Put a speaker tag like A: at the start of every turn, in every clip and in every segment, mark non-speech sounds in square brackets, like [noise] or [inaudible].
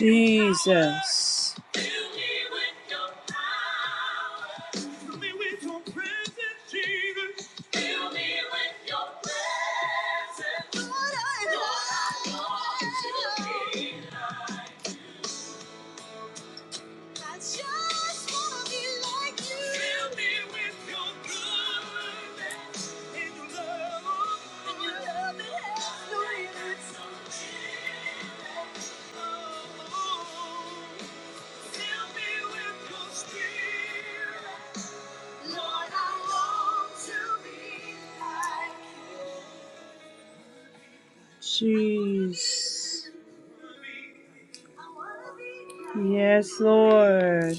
A: Jesus. Jesus. Yes, Lord.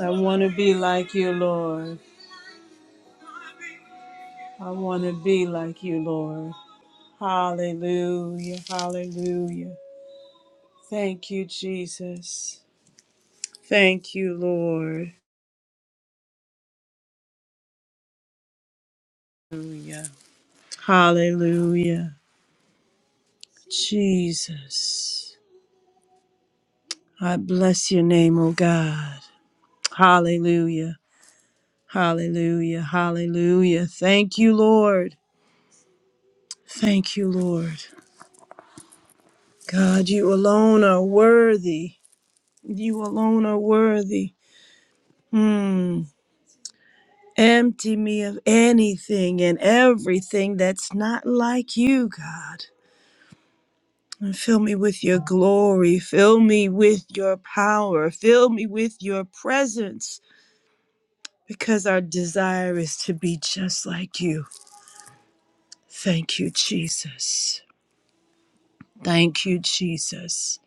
A: I want to be like you, Lord. I want to be like you, Lord. Hallelujah. Hallelujah. Thank you, Jesus. Thank you, Lord. Hallelujah. Hallelujah. Jesus. I bless your name, O God. Hallelujah. Hallelujah. Hallelujah. Thank you, Lord. Thank you, Lord. God, you alone are worthy. You alone are worthy. Hmm. Empty me of anything and everything that's not like you, God. And fill me with your glory. Fill me with your power. Fill me with your presence because our desire is to be just like you. Thank you, Jesus. Thank you, Jesus.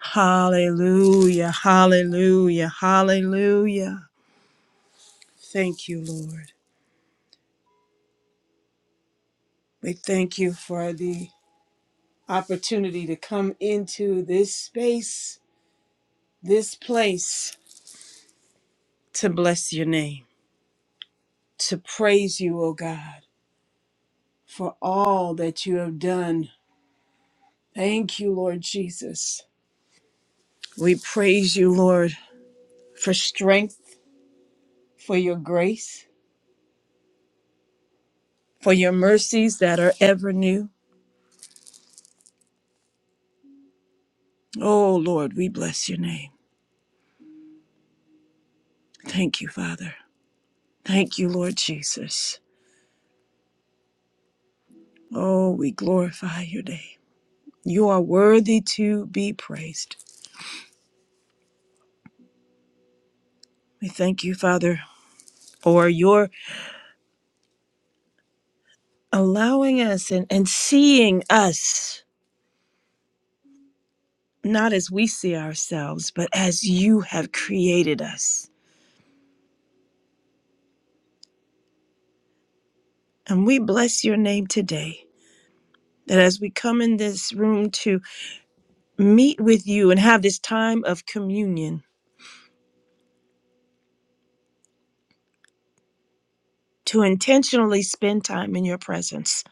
A: Hallelujah. Hallelujah. Hallelujah. Thank you, Lord. We thank you for the opportunity to come into this space, this place, to bless your name, to praise you, O God, for all that you have done. Thank you, Lord Jesus. We praise you, Lord, for strength, for your grace, for your mercies that are ever new. Oh, Lord, we bless your name. Thank you, Father. Thank you, Lord Jesus. Oh, we glorify your name. You are worthy to be praised. We thank you, Father, for your allowing us and, and seeing us, not as we see ourselves, but as you have created us. And we bless your name today. That as we come in this room to meet with you and have this time of communion, to intentionally spend time in your presence,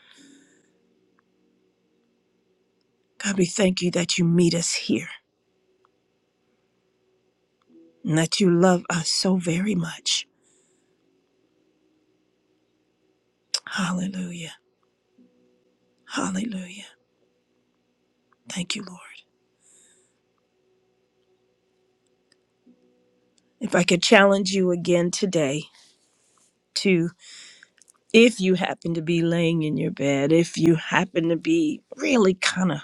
A: God, we thank you that you meet us here and that you love us so very much. Hallelujah. Hallelujah. Thank you, Lord. If I could challenge you again today to, if you happen to be laying in your bed, if you happen to be really kind of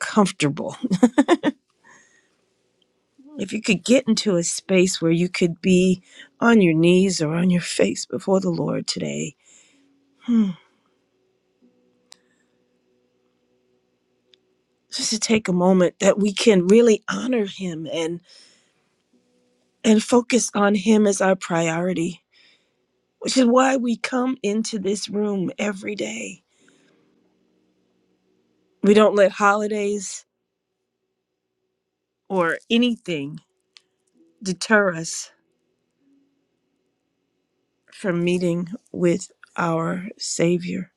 A: comfortable, [laughs] if you could get into a space where you could be on your knees or on your face before the Lord today, hmm, just to take a moment that we can really honor Him and and focus on Him as our priority, which is why we come into this room every day. We don't let holidays or anything deter us from meeting with our Savior.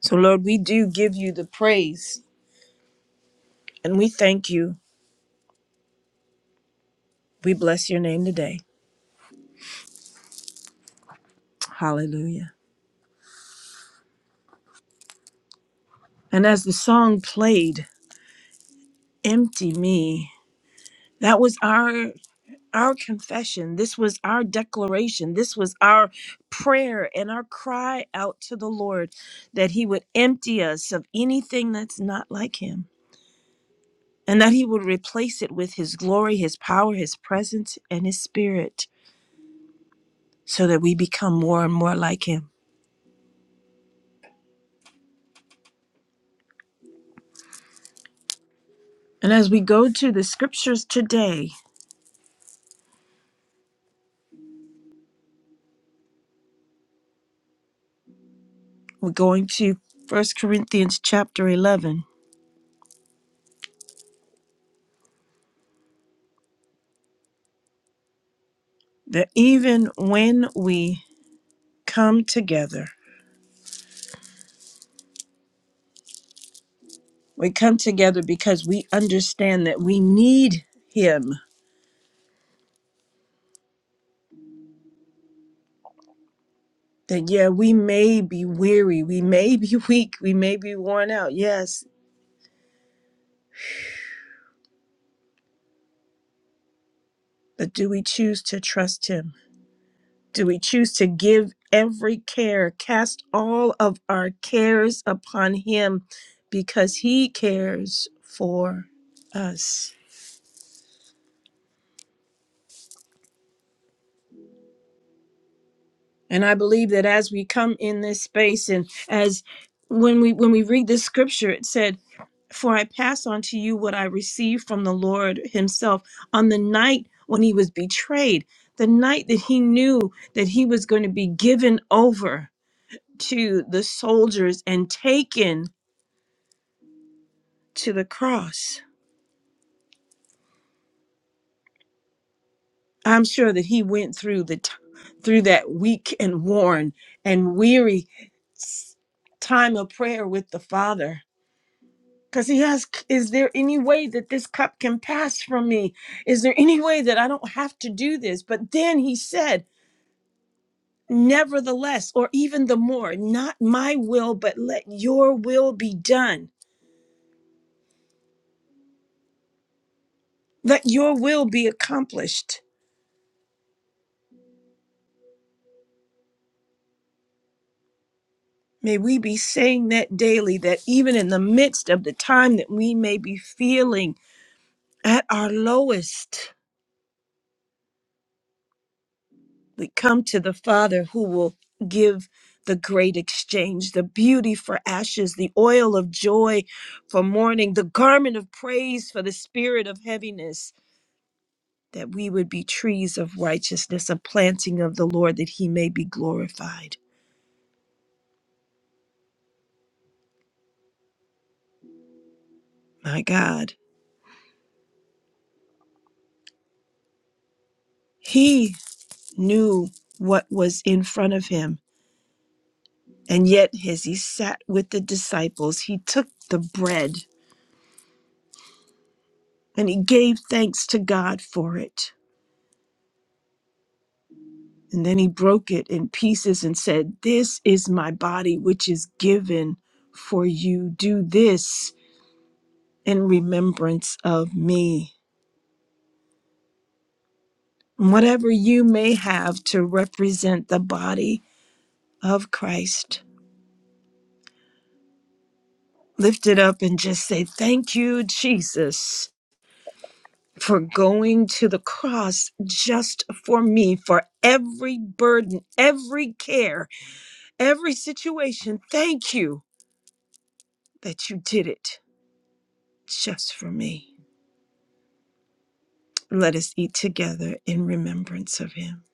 A: So, Lord, we do give you the praise and we thank you. We bless your name today. Hallelujah. And as the song played, Empty Me, that was our. Our confession, this was our declaration, this was our prayer and our cry out to the Lord that He would empty us of anything that's not like Him and that he would replace it with his glory, his power, his presence, and his spirit, so that we become more and more like him. And as we go to the scriptures today, we're going to 1 Corinthians chapter 11, that even when we come together, we come together because we understand that we need him. That, yeah, we may be weary, we may be [laughs] weak, we may be worn out, yes, but do we choose to trust him? Do we choose to give every care, cast all of our cares upon Him because He cares for us? And I believe that as we come in this space and as when we when we read this scripture it said for I pass on to you what I received from the Lord himself on the night when he was betrayed the night that he knew that he was going to be given over to the soldiers and taken to the cross. I'm sure that he went through the t- through that weak and worn and weary s- time of prayer with the Father. Because he asked, Is there any way that this cup can pass from me? Is there any way that I don't have to do this? But then he said, Nevertheless, or even the more, not my will, but let your will be done. Let your will be accomplished. May we be saying that daily, that even in the midst of the time that we may be feeling at our lowest, we come to the Father who will give the great exchange, the beauty for ashes, the oil of joy for mourning, the garment of praise for the spirit of heaviness, that we would be trees of righteousness, a planting of the Lord, that he may be glorified. My God, he knew what was in front of him And yet, as he sat with the disciples, he took the bread and he gave thanks to God for it. And then he broke it in pieces and said, This is my body, which is given for you. Do this in remembrance of me. Whatever you may have to represent the body of Christ, lift it up and just say, Thank you, Jesus. for going to the cross just for me, for every burden, every care, every situation. Thank you that you did it just for me. Let us eat together in remembrance of him.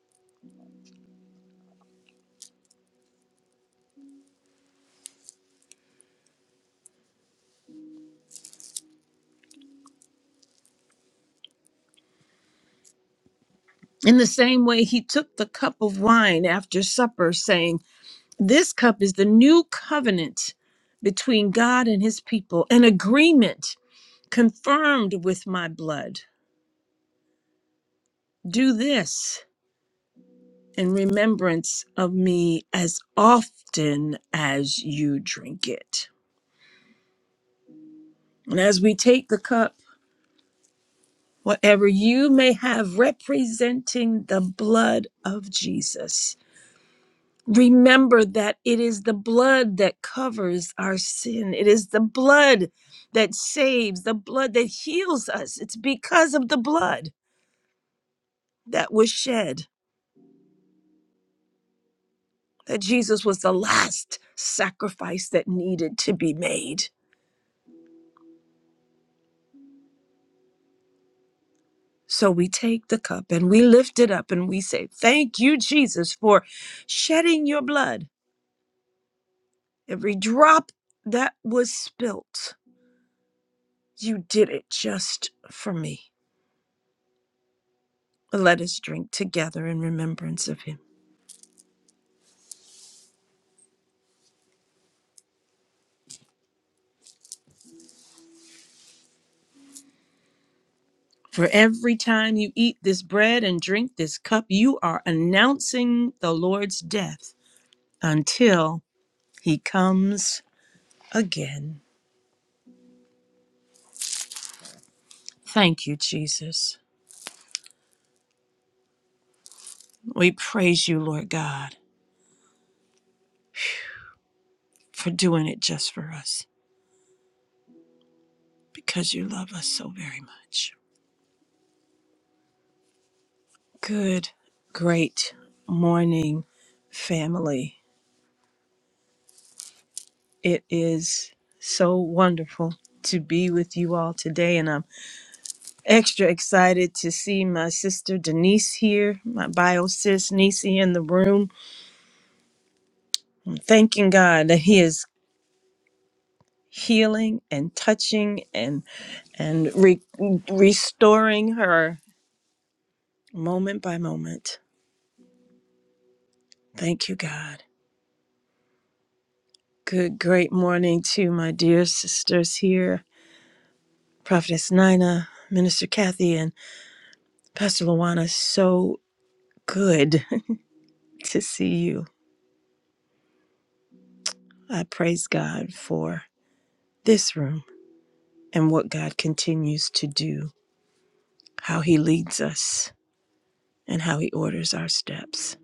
A: In the same way, he took the cup of wine after supper, saying, This cup is the new covenant between God and his people, an agreement confirmed with my blood. Do this in remembrance of me as often as you drink it. And as we take the cup, whatever you may have representing the blood of Jesus, remember that it is the blood that covers our sin. It is the blood that saves, the blood that heals us. It's because of the blood that was shed that Jesus was the last sacrifice that needed to be made So we take the cup and we lift it up and we say, Thank you, Jesus, for shedding your blood. Every drop that was spilt, you did it just for me. Let us drink together in remembrance of him. For every time you eat this bread and drink this cup, you are announcing the Lord's death until he comes again. Thank you, Jesus. We praise you, Lord God, for doing it just for us. because you love us so very much. Good, great morning, family. It is so wonderful to be with you all today, and I'm extra excited to see my sister Denise here, my bio sis Nisi in the room. I'm thanking God that He is healing and touching and and re- restoring her moment by moment. Thank you, God. Good, great morning to my dear sisters here, Prophetess Nina, Minister Kathy, and Pastor Luana. So good [laughs] to see you. I praise God for this room and what God continues to do, how He leads us, and how He orders our steps.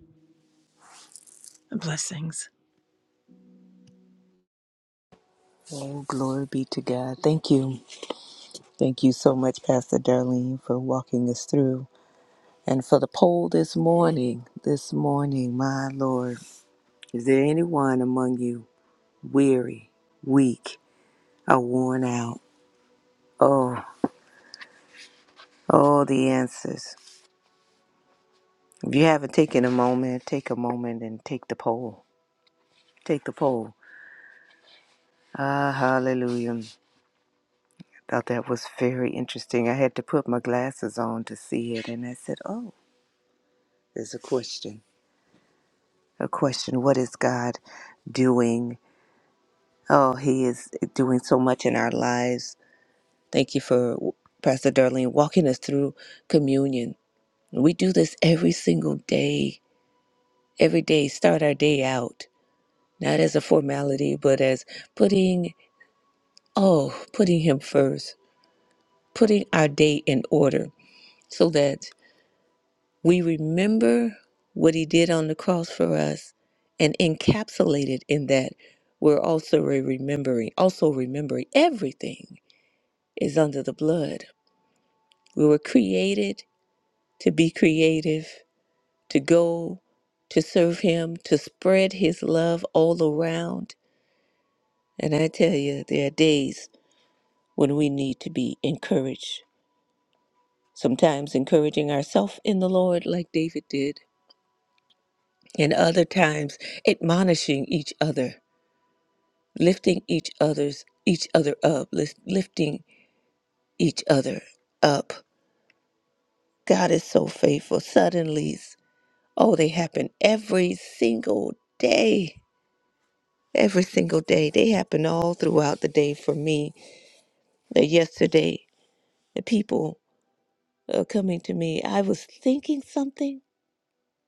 A: Blessings.
B: Oh, glory be to God. Thank you. Thank you so much, Pastor Darlene, for walking us through. And for the poll this morning, this morning, my Lord, is there anyone among you weary, weak, or worn out? Oh, oh, the answers. If you haven't taken a moment, take a moment and take the poll. Take the poll. Ah, hallelujah. Thought that was very interesting. I had to put my glasses on to see it, and I said, oh, there's a question. a question what is God doing? Oh, He is doing so much in our lives. Thank you for Pastor Darlene walking us through communion. We do this every single day, every day, start our day out, not as a formality, but as putting, oh, putting Him first, putting our day in order so that We remember what he did on the cross for us and encapsulated in that we're also re- remembering, also remembering everything is under the blood. We were created to be creative, to go, to serve him, to spread his love all around. And I tell you, there are days when we need to be encouraged. Sometimes encouraging ourselves in the Lord, like David did, and other times admonishing each other lifting each other's each other up lis- lifting each other up god is so faithful suddenlies oh they happen every single day every single day they happen all throughout the day for me that yesterday the people uh, coming to me i was thinking something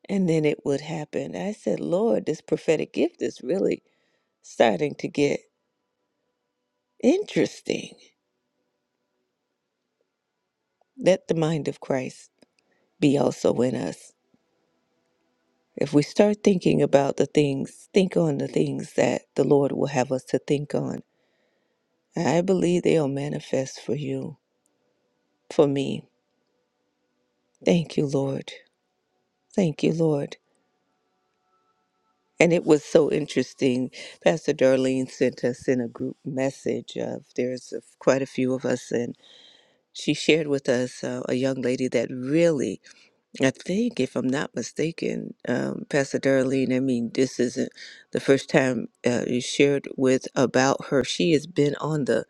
B: and then it would happen i said lord this prophetic gift is really starting to get interesting let the mind of christ be also in us If we start thinking about the things, think on the things that the Lord will have us to think on. I believe they'll manifest for you, for me. Thank you, Lord. Thank you, Lord. And it was so interesting. Pastor Darlene sent us in a group message of there's a, quite a few of us, and she shared with us uh, a young lady that really I think, if I'm not mistaken, um, Pastor Darlene, I mean, this isn't the first time uh, you shared with about her. She has been on the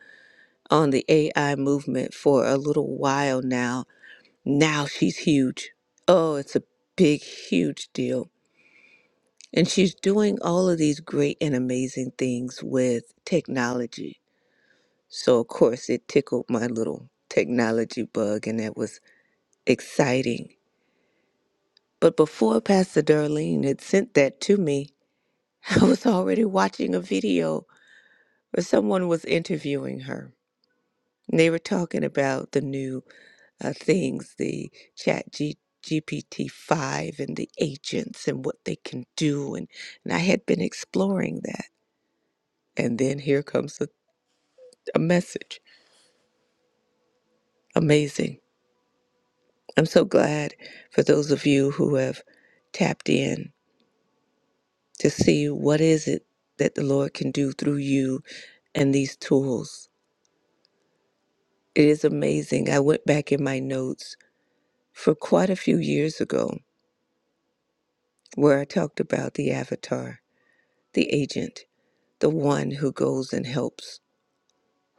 B: on the AI movement for a little while now. Now she's huge. Oh, it's a big, huge deal. And she's doing all of these great and amazing things with technology. So, of course, it tickled my little technology bug, and that was exciting. But before Pastor Darlene had sent that to me, [laughs] I was already watching a video where someone was interviewing her. And they were talking about the new uh, things, the chat G- GPT-5 and the agents and what they can do. And, and I had been exploring that. And then here comes a, a message. Amazing. I'm so glad for those of you who have tapped in to see what is it that the Lord can do through you and these tools. It is amazing. I went back in my notes for quite a few years ago where I talked about the avatar, the agent, the one who goes and helps,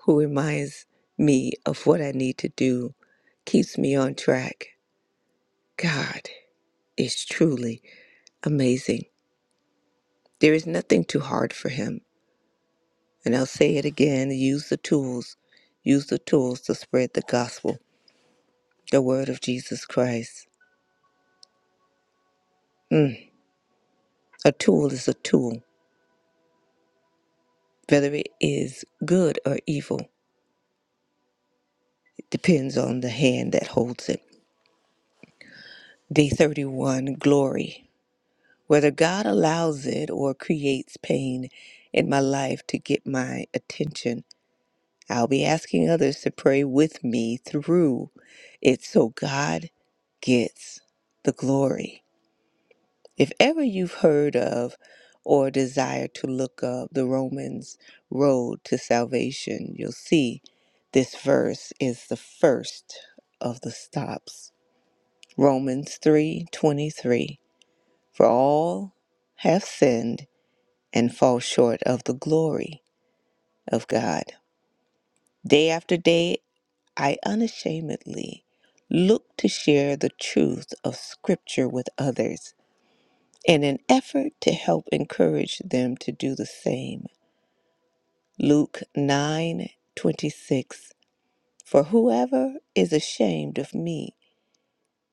B: who reminds me of what I need to do, keeps me on track. God is truly amazing. There is nothing too hard for him. And I'll say it again use the tools, use the tools to spread the gospel, the word of Jesus Christ. Mm. A tool is a tool, whether it is good or evil. depends on the hand that holds it. Day 31 Glory. Whether God allows it or creates pain in my life to get my attention, I'll be asking others to pray with me through it so God gets the glory. If ever you've heard of or desire to look up the Romans road to salvation, you'll see this verse is the first of the stops. Romans 3:23 For all have sinned and fall short of the glory of God. Day after day I unashamedly look to share the truth of scripture with others in an effort to help encourage them to do the same. Luke 9:26 For whoever is ashamed of me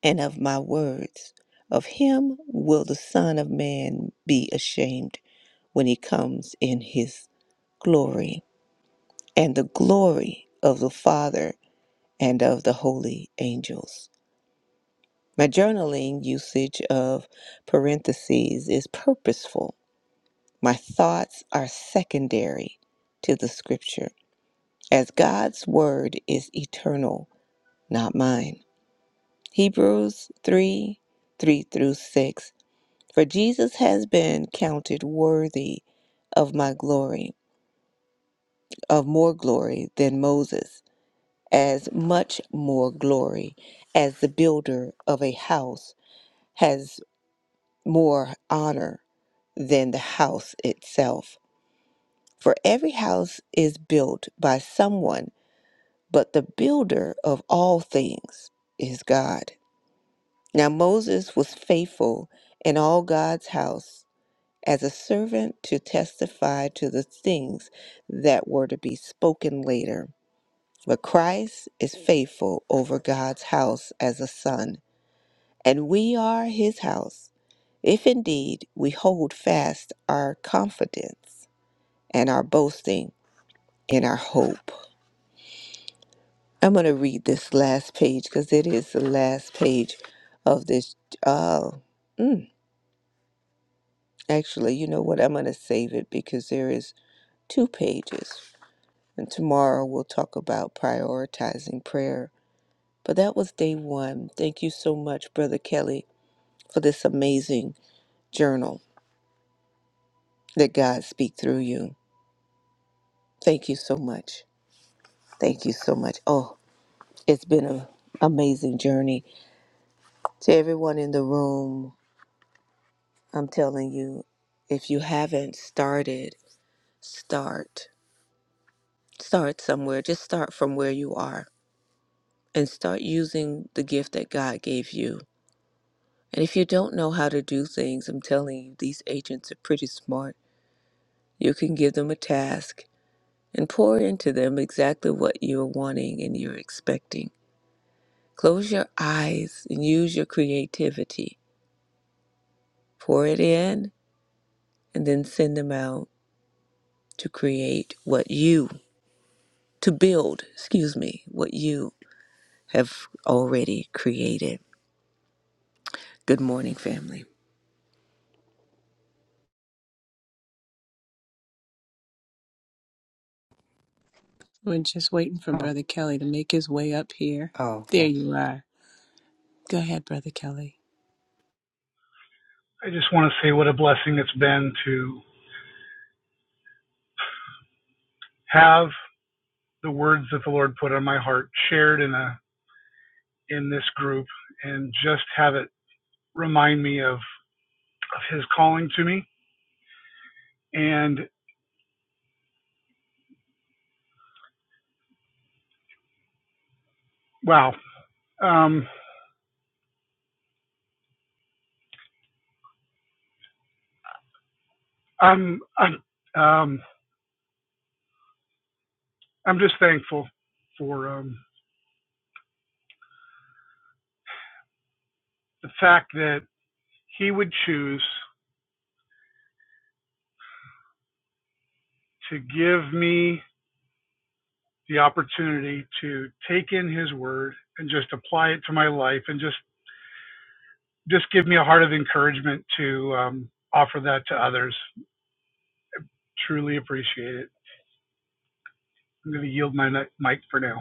B: and of my words of him will the son of man be ashamed when he comes in his glory and the glory of the Father and of the holy angels. My journaling usage of parentheses is purposeful. My thoughts are secondary to the scripture, as God's word is eternal, not mine. Hebrews 3 3 through 6. For Jesus has been counted worthy of my glory, of more glory than Moses as much more glory as the builder of a house has more honor than the house itself. For every house is built by someone, but the builder of all things is God. Now Moses was faithful in all God's house as a servant to testify to the things that were to be spoken later. But Christ is faithful over God's house as a son and we are his house, if indeed we hold fast our confidence and our boasting in our hope. I'm going to read this last page because it is the last page of this. Uh, mm, actually, you know what? I'm going to save it because there is two pages. And tomorrow we'll talk about prioritizing prayer. But that was day one. Thank you so much, Brother Kelly, for this amazing journal that God speak through you. Thank you so much. Thank you so much. Oh, it's been an amazing journey. To everyone in the room, I'm telling you, if you haven't started, start. Start somewhere. Just start from where you are and start using the gift that God gave you. And if you don't know how to do things, I'm telling you, these agents are pretty smart. You can give them a task and pour into them exactly what you're wanting and you're expecting Close your eyes and use your creativity. Pour it in and then send them out to create what you, to build, excuse me, what you have already created. Good morning, family.
A: We're just waiting for Brother Kelly to make his way up here. There you are. Go ahead, Brother Kelly.
C: I just want to say what a blessing it's been to have the words that the Lord put on my heart shared in a in this group and just have it remind me of, of his calling to me and wow um I'm I'm um I'm just thankful for um the fact that he would choose to give me the opportunity to take in his word and just apply it to my life and just just give me a heart of encouragement to um, offer that to others. Truly appreciate it. I'm going to yield my mic for now.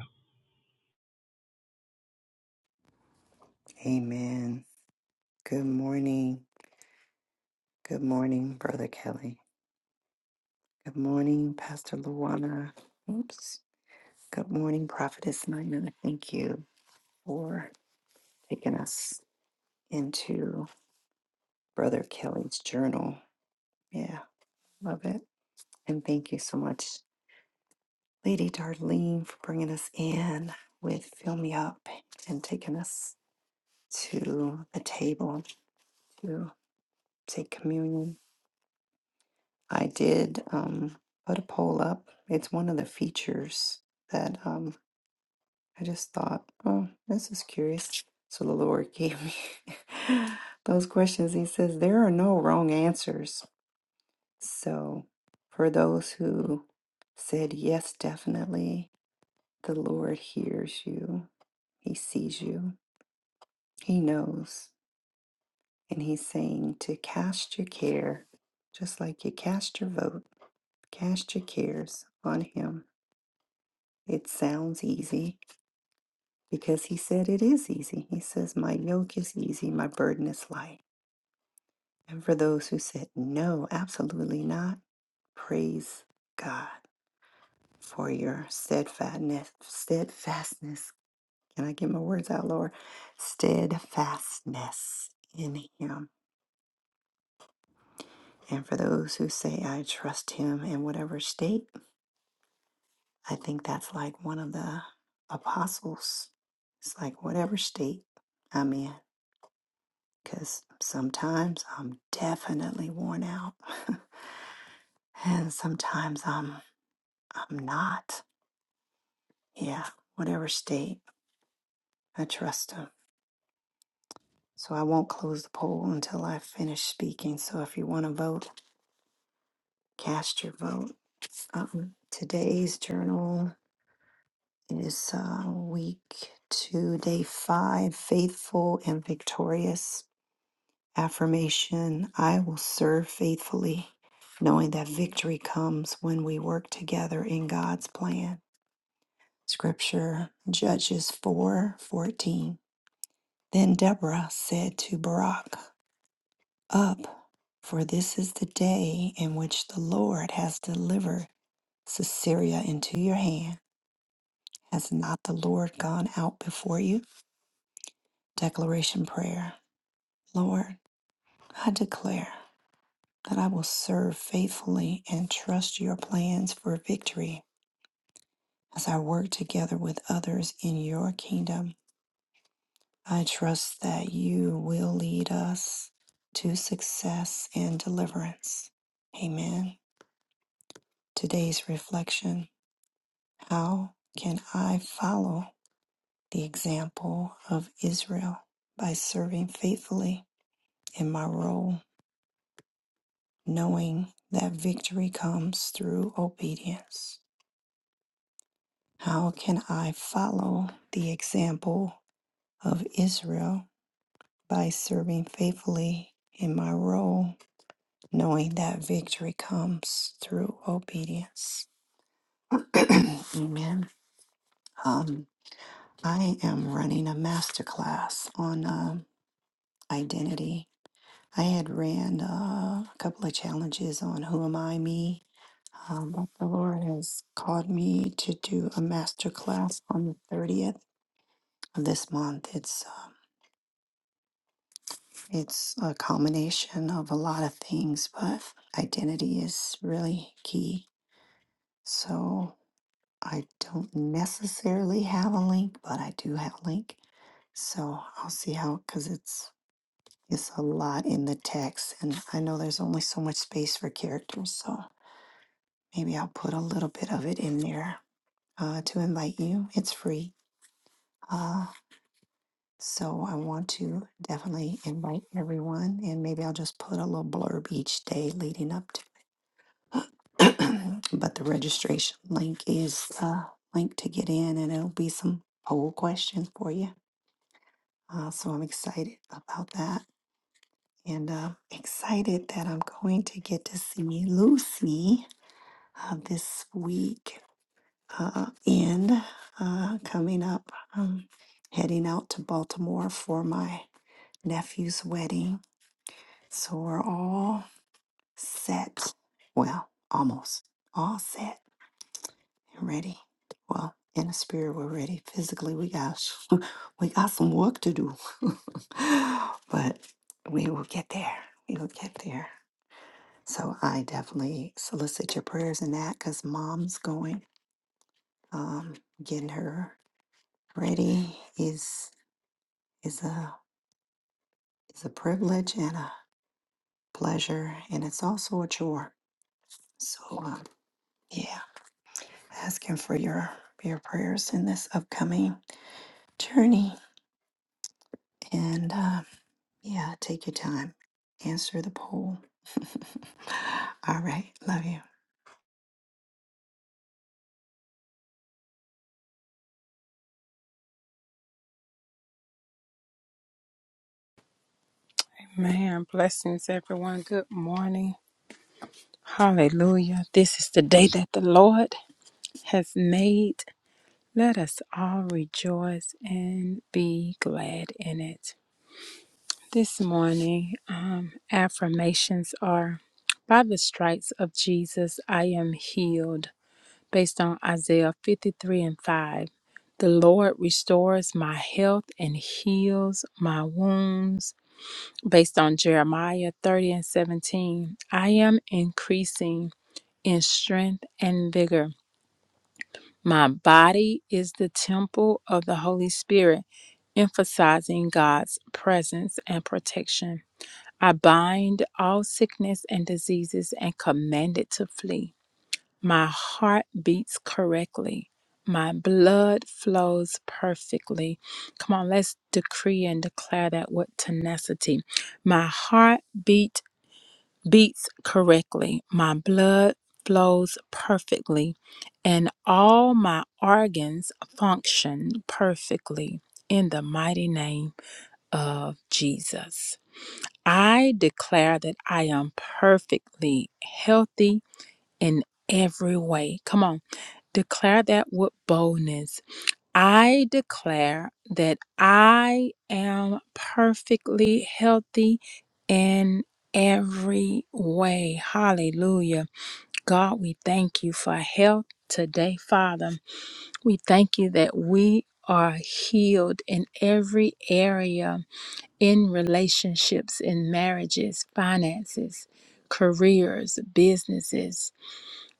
D: Man, blessings, everyone. Good morning. Hallelujah. This is the day that the Lord has made. Let us all rejoice and be glad in it. This morning, um, affirmations are By the stripes of Jesus, I am healed, based on Isaiah 53 and 5. The Lord restores my health and heals my wounds. based on Jeremiah 30 and 17. I am increasing in strength and vigor. My body is the temple of the Holy Spirit, emphasizing God's presence and protection. I bind all sickness and diseases and command it to flee. My heart beats correctly. My blood flows perfectly. Come on, let's decree and declare that with tenacity. My heart beat beats correctly, my blood flows perfectly, and all my organs function perfectly in the mighty name of Jesus. I declare that I am perfectly healthy in every way. Come on, declare that with boldness I declare that I am perfectly healthy in every way. Hallelujah. God, we thank you for health today, Father. We thank you that we are healed in every area in relationships, in marriages, finances, careers, businesses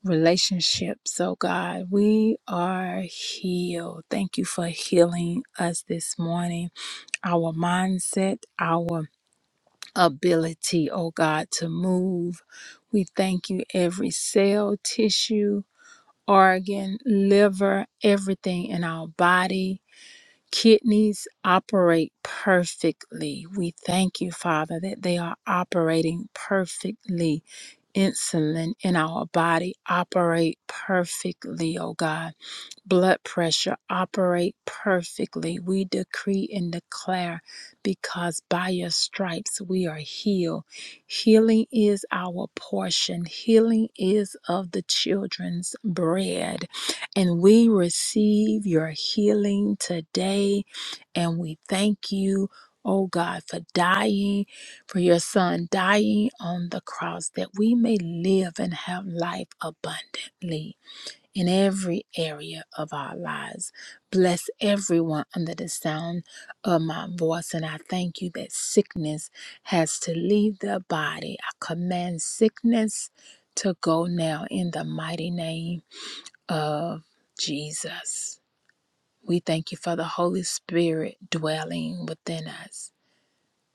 D: relationships, oh God. We are healed. Thank you for healing us this morning. Our mindset, our ability, oh God, to move. We thank you every cell, tissue, organ, liver, everything in our body. Kidneys operate perfectly. We thank you, Father, that they are operating perfectly. Insulin in our body operate perfectly, oh God blood pressure operate perfectly. We decree and declare because by your stripes we are healed. Healing is our portion, healing is of the children's bread. And we receive your healing today. And we thank you, oh God, for dying, for your son dying on the cross that we may live and have life abundantly in every area of our lives. Bless everyone under the sound of my voice. And I thank you that sickness has to leave the body. I command sickness to go now in the mighty name of Jesus. We thank you for the Holy Spirit dwelling within us.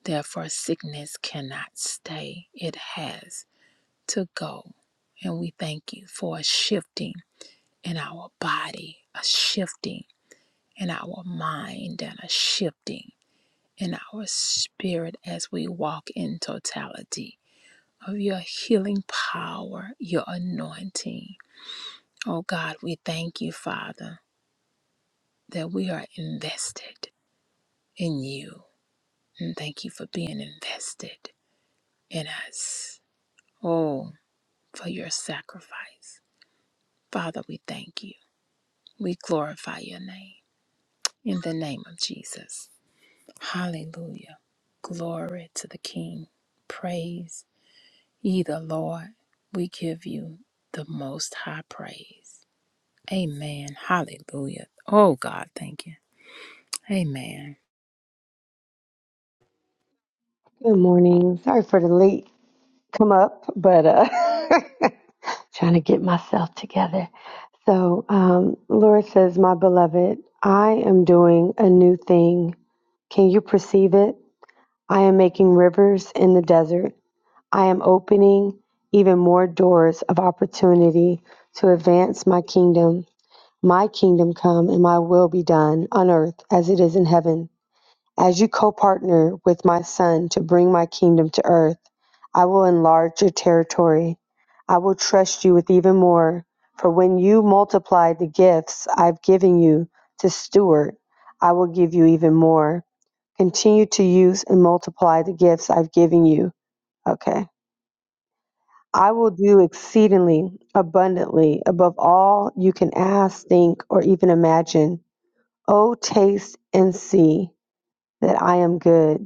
D: Therefore, sickness cannot stay, it has to go. And we thank you for a shifting in our body, a shifting in our mind, and a shifting in our spirit as we walk in totality of your healing power, your anointing. Oh God, we thank you, Father, that we are invested in you. And thank you for being invested in us. Oh, for your sacrifice. Father, we thank you. We glorify your name in the name of Jesus. Hallelujah. Glory to the King. Praise ye the Lord. We give you the most high praise. Amen. Hallelujah. Oh, God, thank you. Amen.
E: Good morning. Sorry for the late come up, but uh, [laughs] trying to get myself together. So, um, Laura says, My beloved, I am doing a new thing. Can you perceive it? I am making rivers in the desert. I am opening even more doors of opportunity to advance my kingdom. My kingdom come and my will be done on earth as it is in heaven. As you co-partner with my son to bring my kingdom to earth, I will enlarge your territory. I will trust you with even more. For when you multiply the gifts I've given you to steward, I will give you even more. Continue to use and multiply the gifts I've given you. Okay. I will do exceedingly abundantly above all you can ask, think, or even imagine. Oh, taste and see that I am good.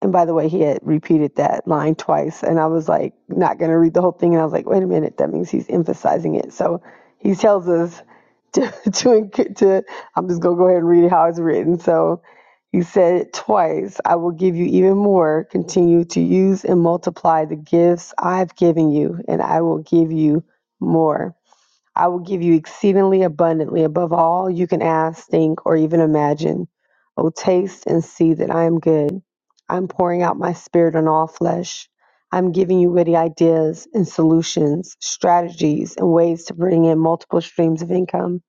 E: And by the way, he had repeated that line twice, and I was like, not going to read the whole thing. And I was like, wait a minute, that means he's emphasizing it. So he tells us [laughs] to, to, to I'm just going to go ahead and read it how it's written. So he said it twice I will give you even more. Continue to use and multiply the gifts I've given you, and I will give you more. I will give you exceedingly abundantly above all you can ask, think, or even imagine. Oh, taste and see that I am good. I'm pouring out my spirit on all flesh. I'm giving you witty ideas and solutions, strategies, and ways to bring in multiple streams of income.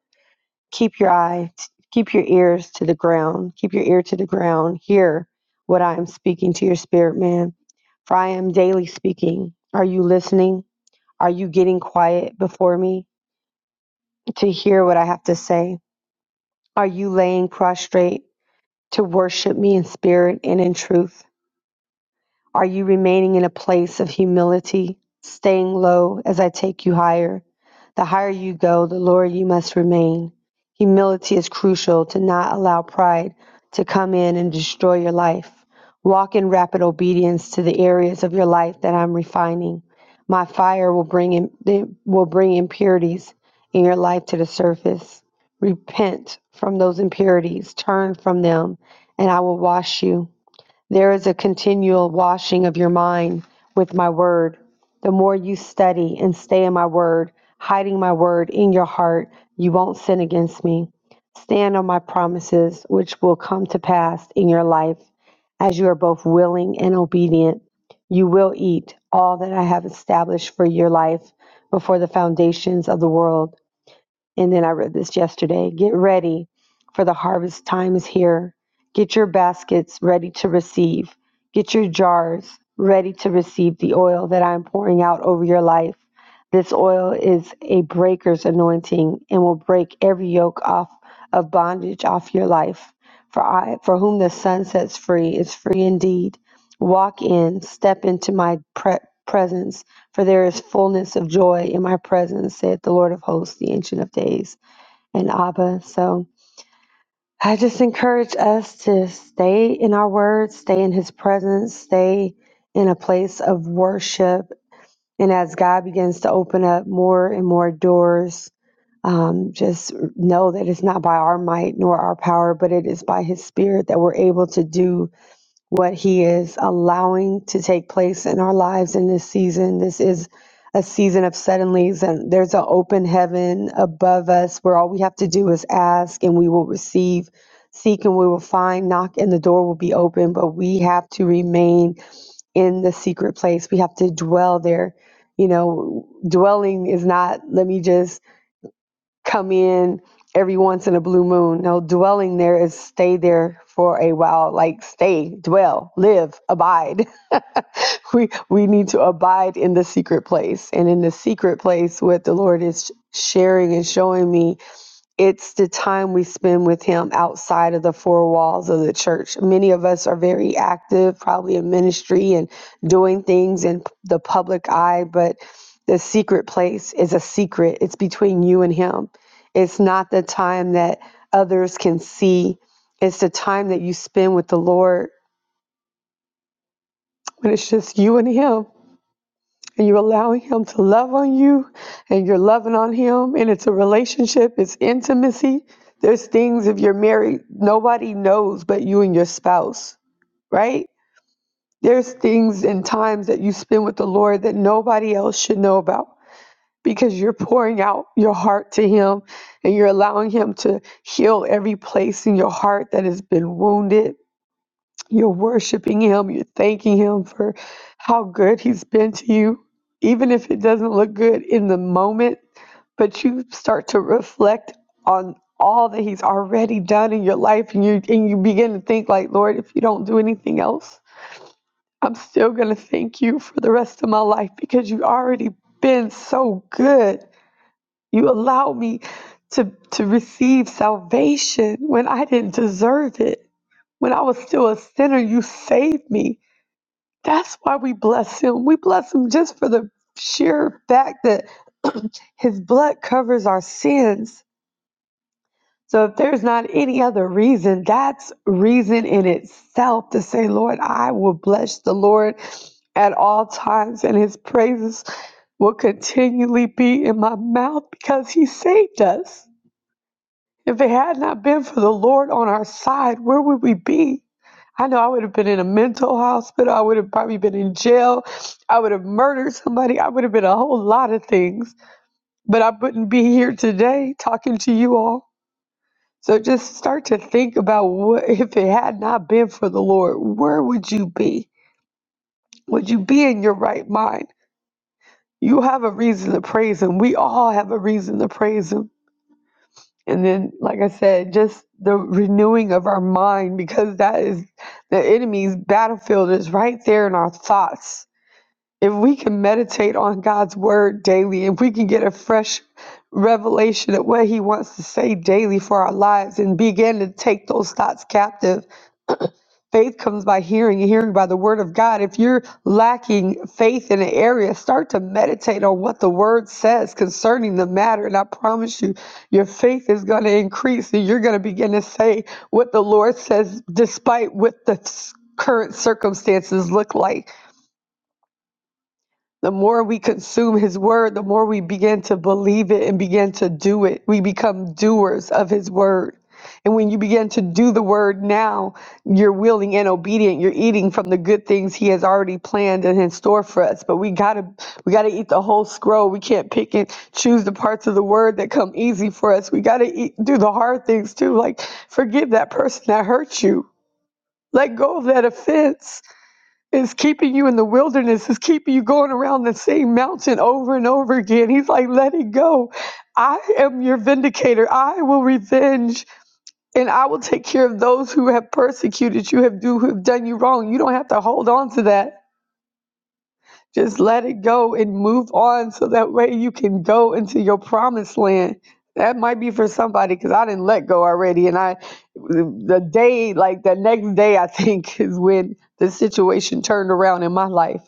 E: Keep your eye, keep your ears to the ground. Keep your ear to the ground. Hear what I am speaking to your spirit, man. For I am daily speaking. Are you listening? Are you getting quiet before me? to hear what I have to say? Are you laying prostrate to worship me in spirit and in truth? Are you remaining in a place of humility, staying low as I take you higher? The higher you go, the lower you must remain. Humility is crucial to not allow pride to come in and destroy your life. Walk in rapid obedience to the areas of your life that I'm refining. My fire will bring in, will bring impurities in your life to the surface. Repent from those impurities, turn from them, and I will wash you. There is a continual washing of your mind with my word. The more you study and stay in my word, hiding my word in your heart, you won't sin against me. Stand on my promises, which will come to pass in your life, as you are both willing and obedient. You will eat all that I have established for your life before the foundations of the world. And then I read this yesterday Get ready, for the harvest time is here. Get your baskets ready to receive. Get your jars ready to receive the oil that I am pouring out over your life. This oil is a breaker's anointing and will break every yoke off of bondage off your life. For I, for whom the sun sets free, is free indeed. Walk in, step into my pre- presence for there is fullness of joy in my presence, said the Lord of hosts, the Ancient of Days, and Abba. So I just encourage us to stay in our words, stay in His presence, stay in a place of worship. And as God begins to open up more and more doors, um, just know that it's not by our might nor our power, but it is by His Spirit that we're able to do what He is allowing to take place in our lives in this season. This is a season of suddenlies, and there's an open heaven above us where all we have to do is ask and we will receive, seek and we will find, knock and the door will be open. But we have to remain in the secret place, we have to dwell there. You know, dwelling is not, let me just come in every once in a blue moon. No, dwelling there is stay there for a while, like stay, dwell, live, abide. [laughs] we we need to abide in the secret place. And in the secret place what the Lord is sharing and showing me it's the time we spend with him outside of the four walls of the church. Many of us are very active, probably in ministry and doing things in the public eye, but the secret place is a secret. It's between you and him. It's not the time that others can see, it's the time that you spend with the Lord when it's just you and him and you're allowing him to love on you and you're loving on him and it's a relationship it's intimacy there's things if you're married nobody knows but you and your spouse right there's things and times that you spend with the lord that nobody else should know about because you're pouring out your heart to him and you're allowing him to heal every place in your heart that has been wounded you're worshiping Him. You're thanking Him for how good He's been to you. Even if it doesn't look good in the moment, but you start to reflect on all that He's already done in your life, and you and you begin to think like, Lord, if you don't do anything else, I'm still gonna thank you for the rest of my life because you've already been so good. You allowed me to to receive salvation when I didn't deserve it. When I was still a sinner, you saved me that's why we bless him. We bless him just for the sheer fact that his blood covers our sins. So if there's not any other reason, that's reason in itself to say, Lord, I will bless the Lord at all times, and his praises will continually be in my mouth because he saved us. If it had not been for the Lord on our side, where would we be? I know I would have been in a mental hospital. I would have probably been in jail. I would have murdered somebody. I would have been a whole lot of things. But I wouldn't be here today talking to you all. So just start to think about what if it had not been for the Lord, where would you be? Would you be in your right mind? You have a reason to praise him. We all have a reason to praise him. And then, like I said, just the renewing of our mind because that is the enemy's battlefield is right there in our thoughts. If we can meditate on God's word daily, if we can get a fresh revelation of what he wants to say daily for our lives and begin to take those thoughts captive Faith comes by hearing and hearing by the word of God. If you're lacking faith in an area, start to meditate on what the word says concerning the matter. And I promise you, your faith is going to increase and you're going to begin to say what the Lord says, despite what the s- current circumstances look like. The more we consume his word, the more we begin to believe it and begin to do it. We become doers of his word. And when you begin to do the word now, you're willing and obedient. You're eating from the good things he has already planned and in store for us. But we gotta we gotta eat the whole scroll. We can't pick and choose the parts of the word that come easy for us. We gotta eat, do the hard things too. Like forgive that person that hurt you. Let go of that offense is keeping you in the wilderness, is keeping you going around the same mountain over and over again. He's like, let it go. I am your vindicator. I will revenge and I will take care of those who have persecuted you, have do who have done you wrong. You don't have to hold on to that. Just let it go and move on so that way you can go into your promised land. That might be for somebody because I didn't let go already. And I, the day, like the next day, I think [laughs] is when the situation turned around in my life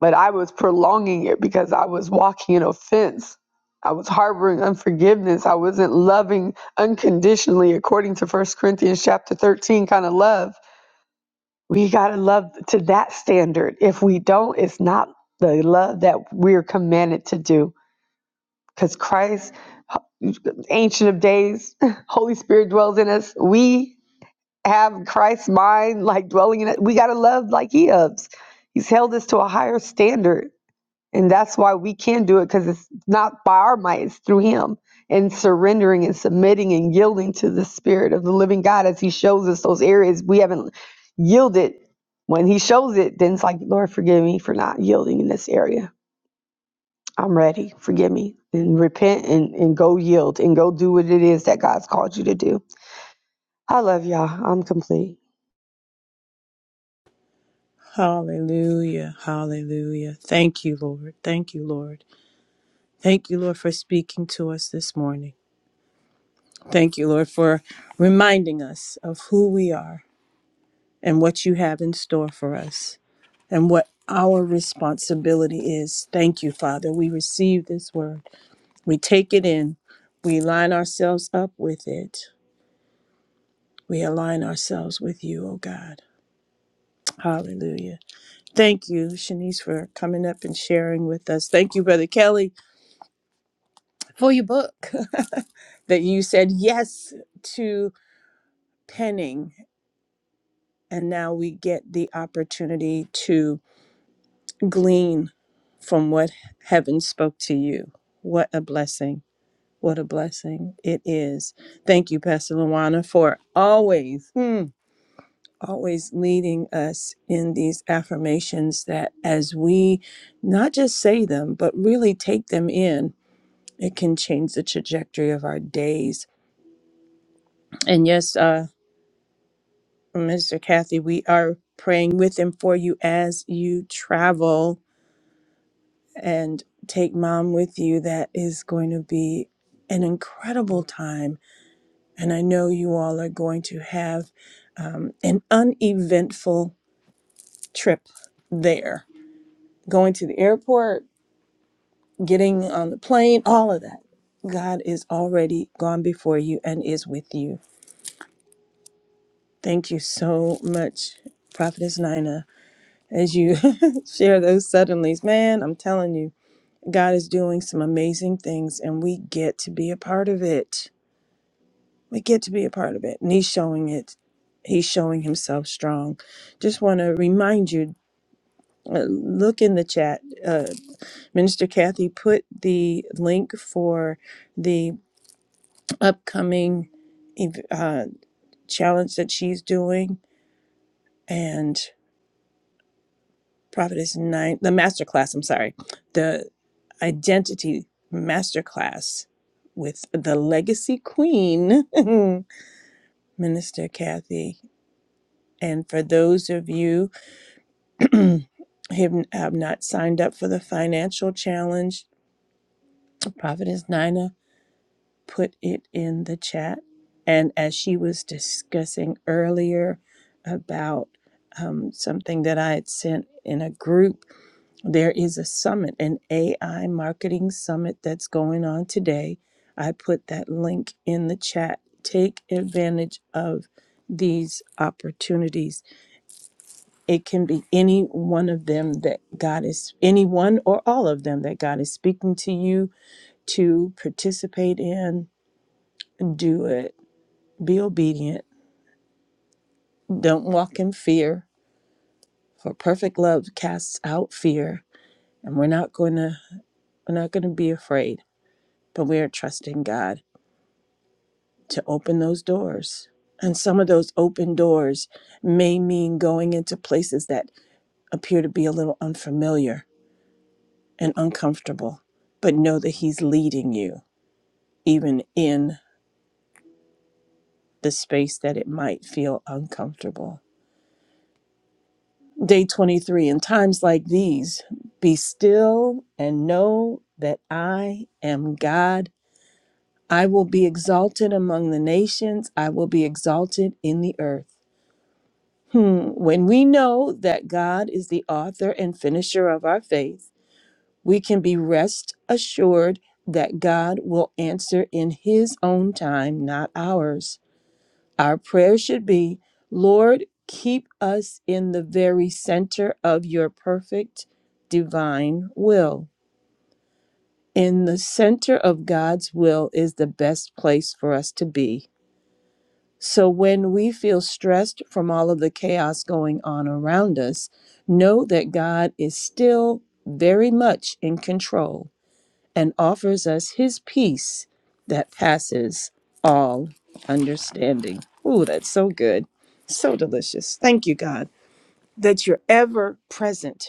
E: but I was prolonging it because I was walking in offense. I was harboring unforgiveness. I wasn't loving unconditionally according to First Corinthians chapter 13 kind of love. We got to love to that standard. If we don't, it's not the love that we're commanded to do because Christ, ancient of days, [laughs] Holy Spirit dwells in us. We have Christ's mind like dwelling in it. We got to love like he loves. He's held us to a higher standard And that's why we can do it because it's not by our might, it's through Him and surrendering and submitting and yielding to the Spirit of the living God as He shows us those areas we haven't yielded. When He shows it, then it's like, Lord, forgive me for not yielding in this area. I'm ready. Forgive me. And repent and, and go yield and go do what it is that God's called you to do. I love y'all. I'm complete.
A: Hallelujah. Hallelujah. Thank you, Lord. Thank you, Lord. Thank you, Lord, for speaking to us this morning. Thank you, Lord, for reminding us of who we are and what you have in store for us and what our responsibility is. Thank you, Father. We receive this word, we take it in, we line ourselves up with it, we align ourselves with you, oh God. Hallelujah. Thank you, Shanice, for coming up and sharing with us. Thank you, Brother Kelly, for your book [laughs] that you said yes to. penning, and now we get the opportunity to glean from what heaven spoke to you. What a blessing. What a blessing it is. Thank you, Pastor Luana, for always, hmm, always leading us in these affirmations that as we not just say them, but really take them in, it can change the trajectory of our days. And yes, uh. Mr. Kathy, we are praying with and for you as you travel and take mom with you. That is going to be an incredible time. And I know you all are going to have um, an uneventful trip there. Going to the airport, getting on the plane, all of that. God is already gone before you and is with you. Thank you so much, Prophetess Nina, as you [laughs] share those suddenlies. Man, I'm telling you. God is doing some amazing things, and we get to be a part of it. We get to be a part of it. And He's showing it. He's showing Himself strong. Just want to remind you uh, look in the chat. Uh, Minister Kathy put the link for the upcoming ev- uh, challenge that she's doing. and. Prophetess Nine, the master class, I'm sorry, the identity master class with the legacy queen, [laughs] Minister Kathy. And for those of you [clears throat] who have have not signed up for the financial challenge, Prophetess Nina put it in the chat. And as she was discussing earlier about um, something that I had sent in a group There is a summit, an AI marketing summit that's going on today. I put that link in the chat. Take advantage of these opportunities. It can be any one of them that God is, any one or all of them that God is speaking to you to participate in. Do it. Be obedient. Don't walk in fear. For perfect love casts out fear. And we're not going to, we're not going to be afraid, but we are trusting God to open those doors. And some of those open doors may mean going into places that appear to be a little unfamiliar and uncomfortable, but know that He's leading you, even in the space that it might feel uncomfortable. Day 23 In times like these, be still and know that I am God. I will be exalted among the nations, I will be exalted in the earth. Hmm. When we know that God is the author and finisher of our faith, we can be rest assured that God will answer in His own time, not ours. Our prayer should be Lord, keep us in the very center of your perfect divine will. In the center of God's will is the best place for us to be So when we feel stressed from all of the chaos going on around us, know that God is still very much in control and offers us his peace that passes all understanding. Ooh, that's so good. So delicious. Thank you, God, that you're ever present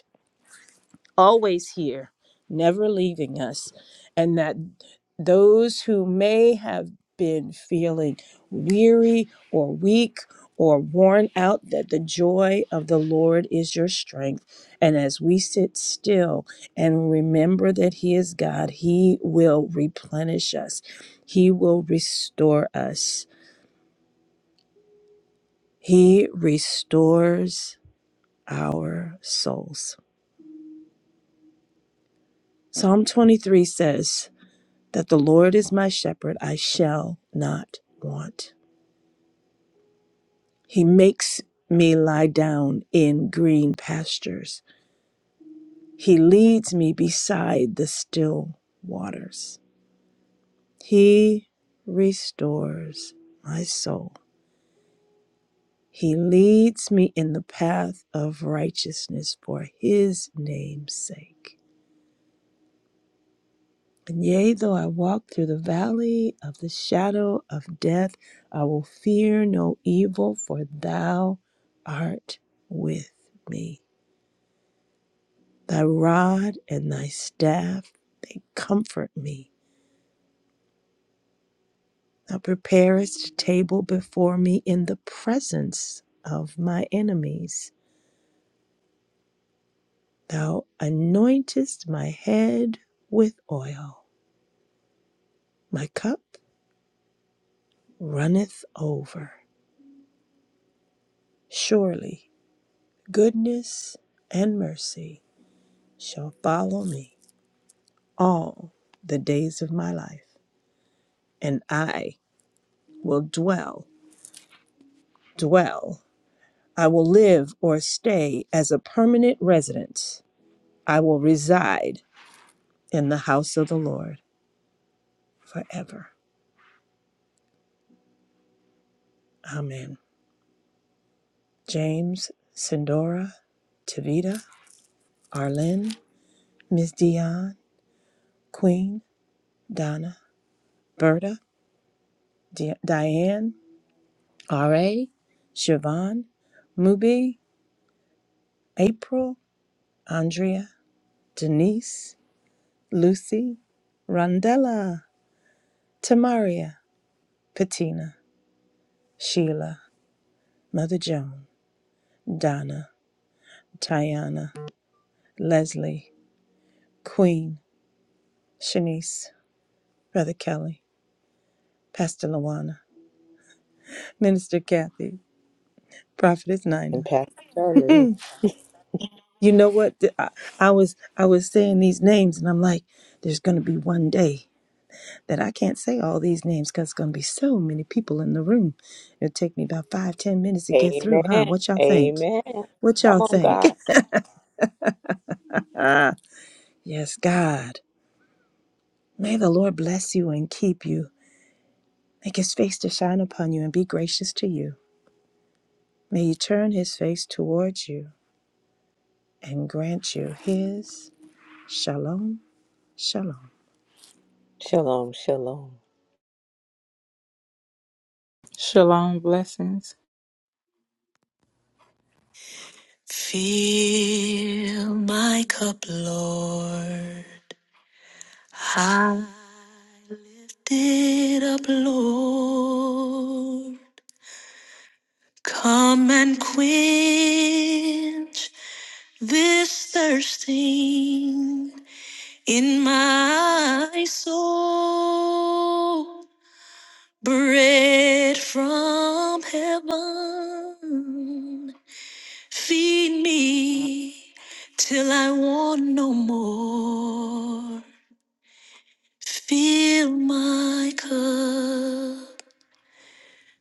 A: always here, never leaving us, and that those who may have been feeling weary or weak or worn out, that the joy of the Lord is your strength. And as we sit still and remember that He is God, He will replenish us, He will restore us. He restores our souls. Psalm 23 says, that the Lord is my shepherd, I shall not want. He makes me lie down in green pastures. He leads me beside the still waters. He restores my soul. He leads me in the path of righteousness for his name's sake. And yea, though I walk through the valley of the shadow of death, I will fear no evil, for thou art with me. Thy rod and thy staff, they comfort me. Thou preparest a table before me in the presence of my enemies. Thou anointest my head with oil. My cup runneth over. Surely. goodness and mercy shall follow me all the days of my life, and I will dwell, dwell. I will live or stay as a permanent resident. I will reside in the house of the Lord forever. Amen. James, Sindora, Tavita, Arlen, Miss Dion, Queen, Donna, Berta, Di- Diane, R.A., Siobhan, Mubi, April, Andrea, Denise, Lucy, Rondella, Tamaria, Patina, Sheila, Mother Joan, Donna, Tiana, Leslie, Queen, Shanice, Brother Kelly, Pastor Lawana, Minister Kathy, Prophetess
B: And
A: Nina.
B: Pastor Charlie.
A: You know what? Th- I, I was I was saying these names, and I'm like, there's gonna be one day. that I can't say all these names because it's going to be so many people in the room. It'll take me about five, ten minutes to get through, huh?
B: Amen.
A: What y'all think?
B: Amen.
A: What y'all
B: Come on,
A: think?
B: God.
A: [laughs] yes, God. May the Lord bless you and keep you. Make his face to shine upon you and be gracious to you. May he turn his face towards you and grant you his shalom, shalom.
B: Shalom, shalom.
D: Shalom blessings.
F: Fill my cup, Lord. Hot it up, Lord. Come and quench this thirsting in my soul. Bread from heaven, feed me till I want no more. Fill my cup,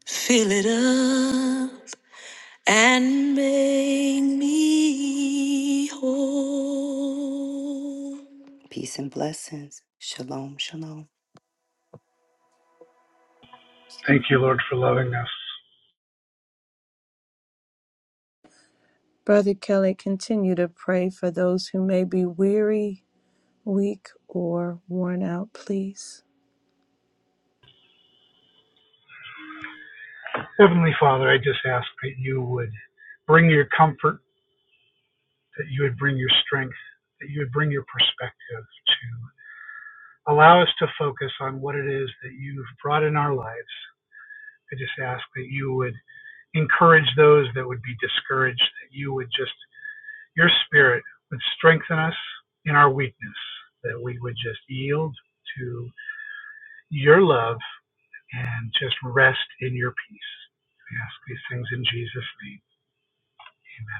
F: fill it up, and make me whole.
C: Thank you, Lord, for loving us.
A: Brother Kelly, continue to pray for those who may be weary, weak, or worn out, please.
C: Heavenly Father, I just ask that you would bring your comfort, that you would bring your strength, that you would bring your perspective to allow us to focus on what it is that you've brought in our lives. I just ask that you would encourage those that would be discouraged, that you would just Your Spirit would strengthen us in our weakness, that we would just yield to your love and just rest in your peace. We ask these things in Jesus' name. Amen.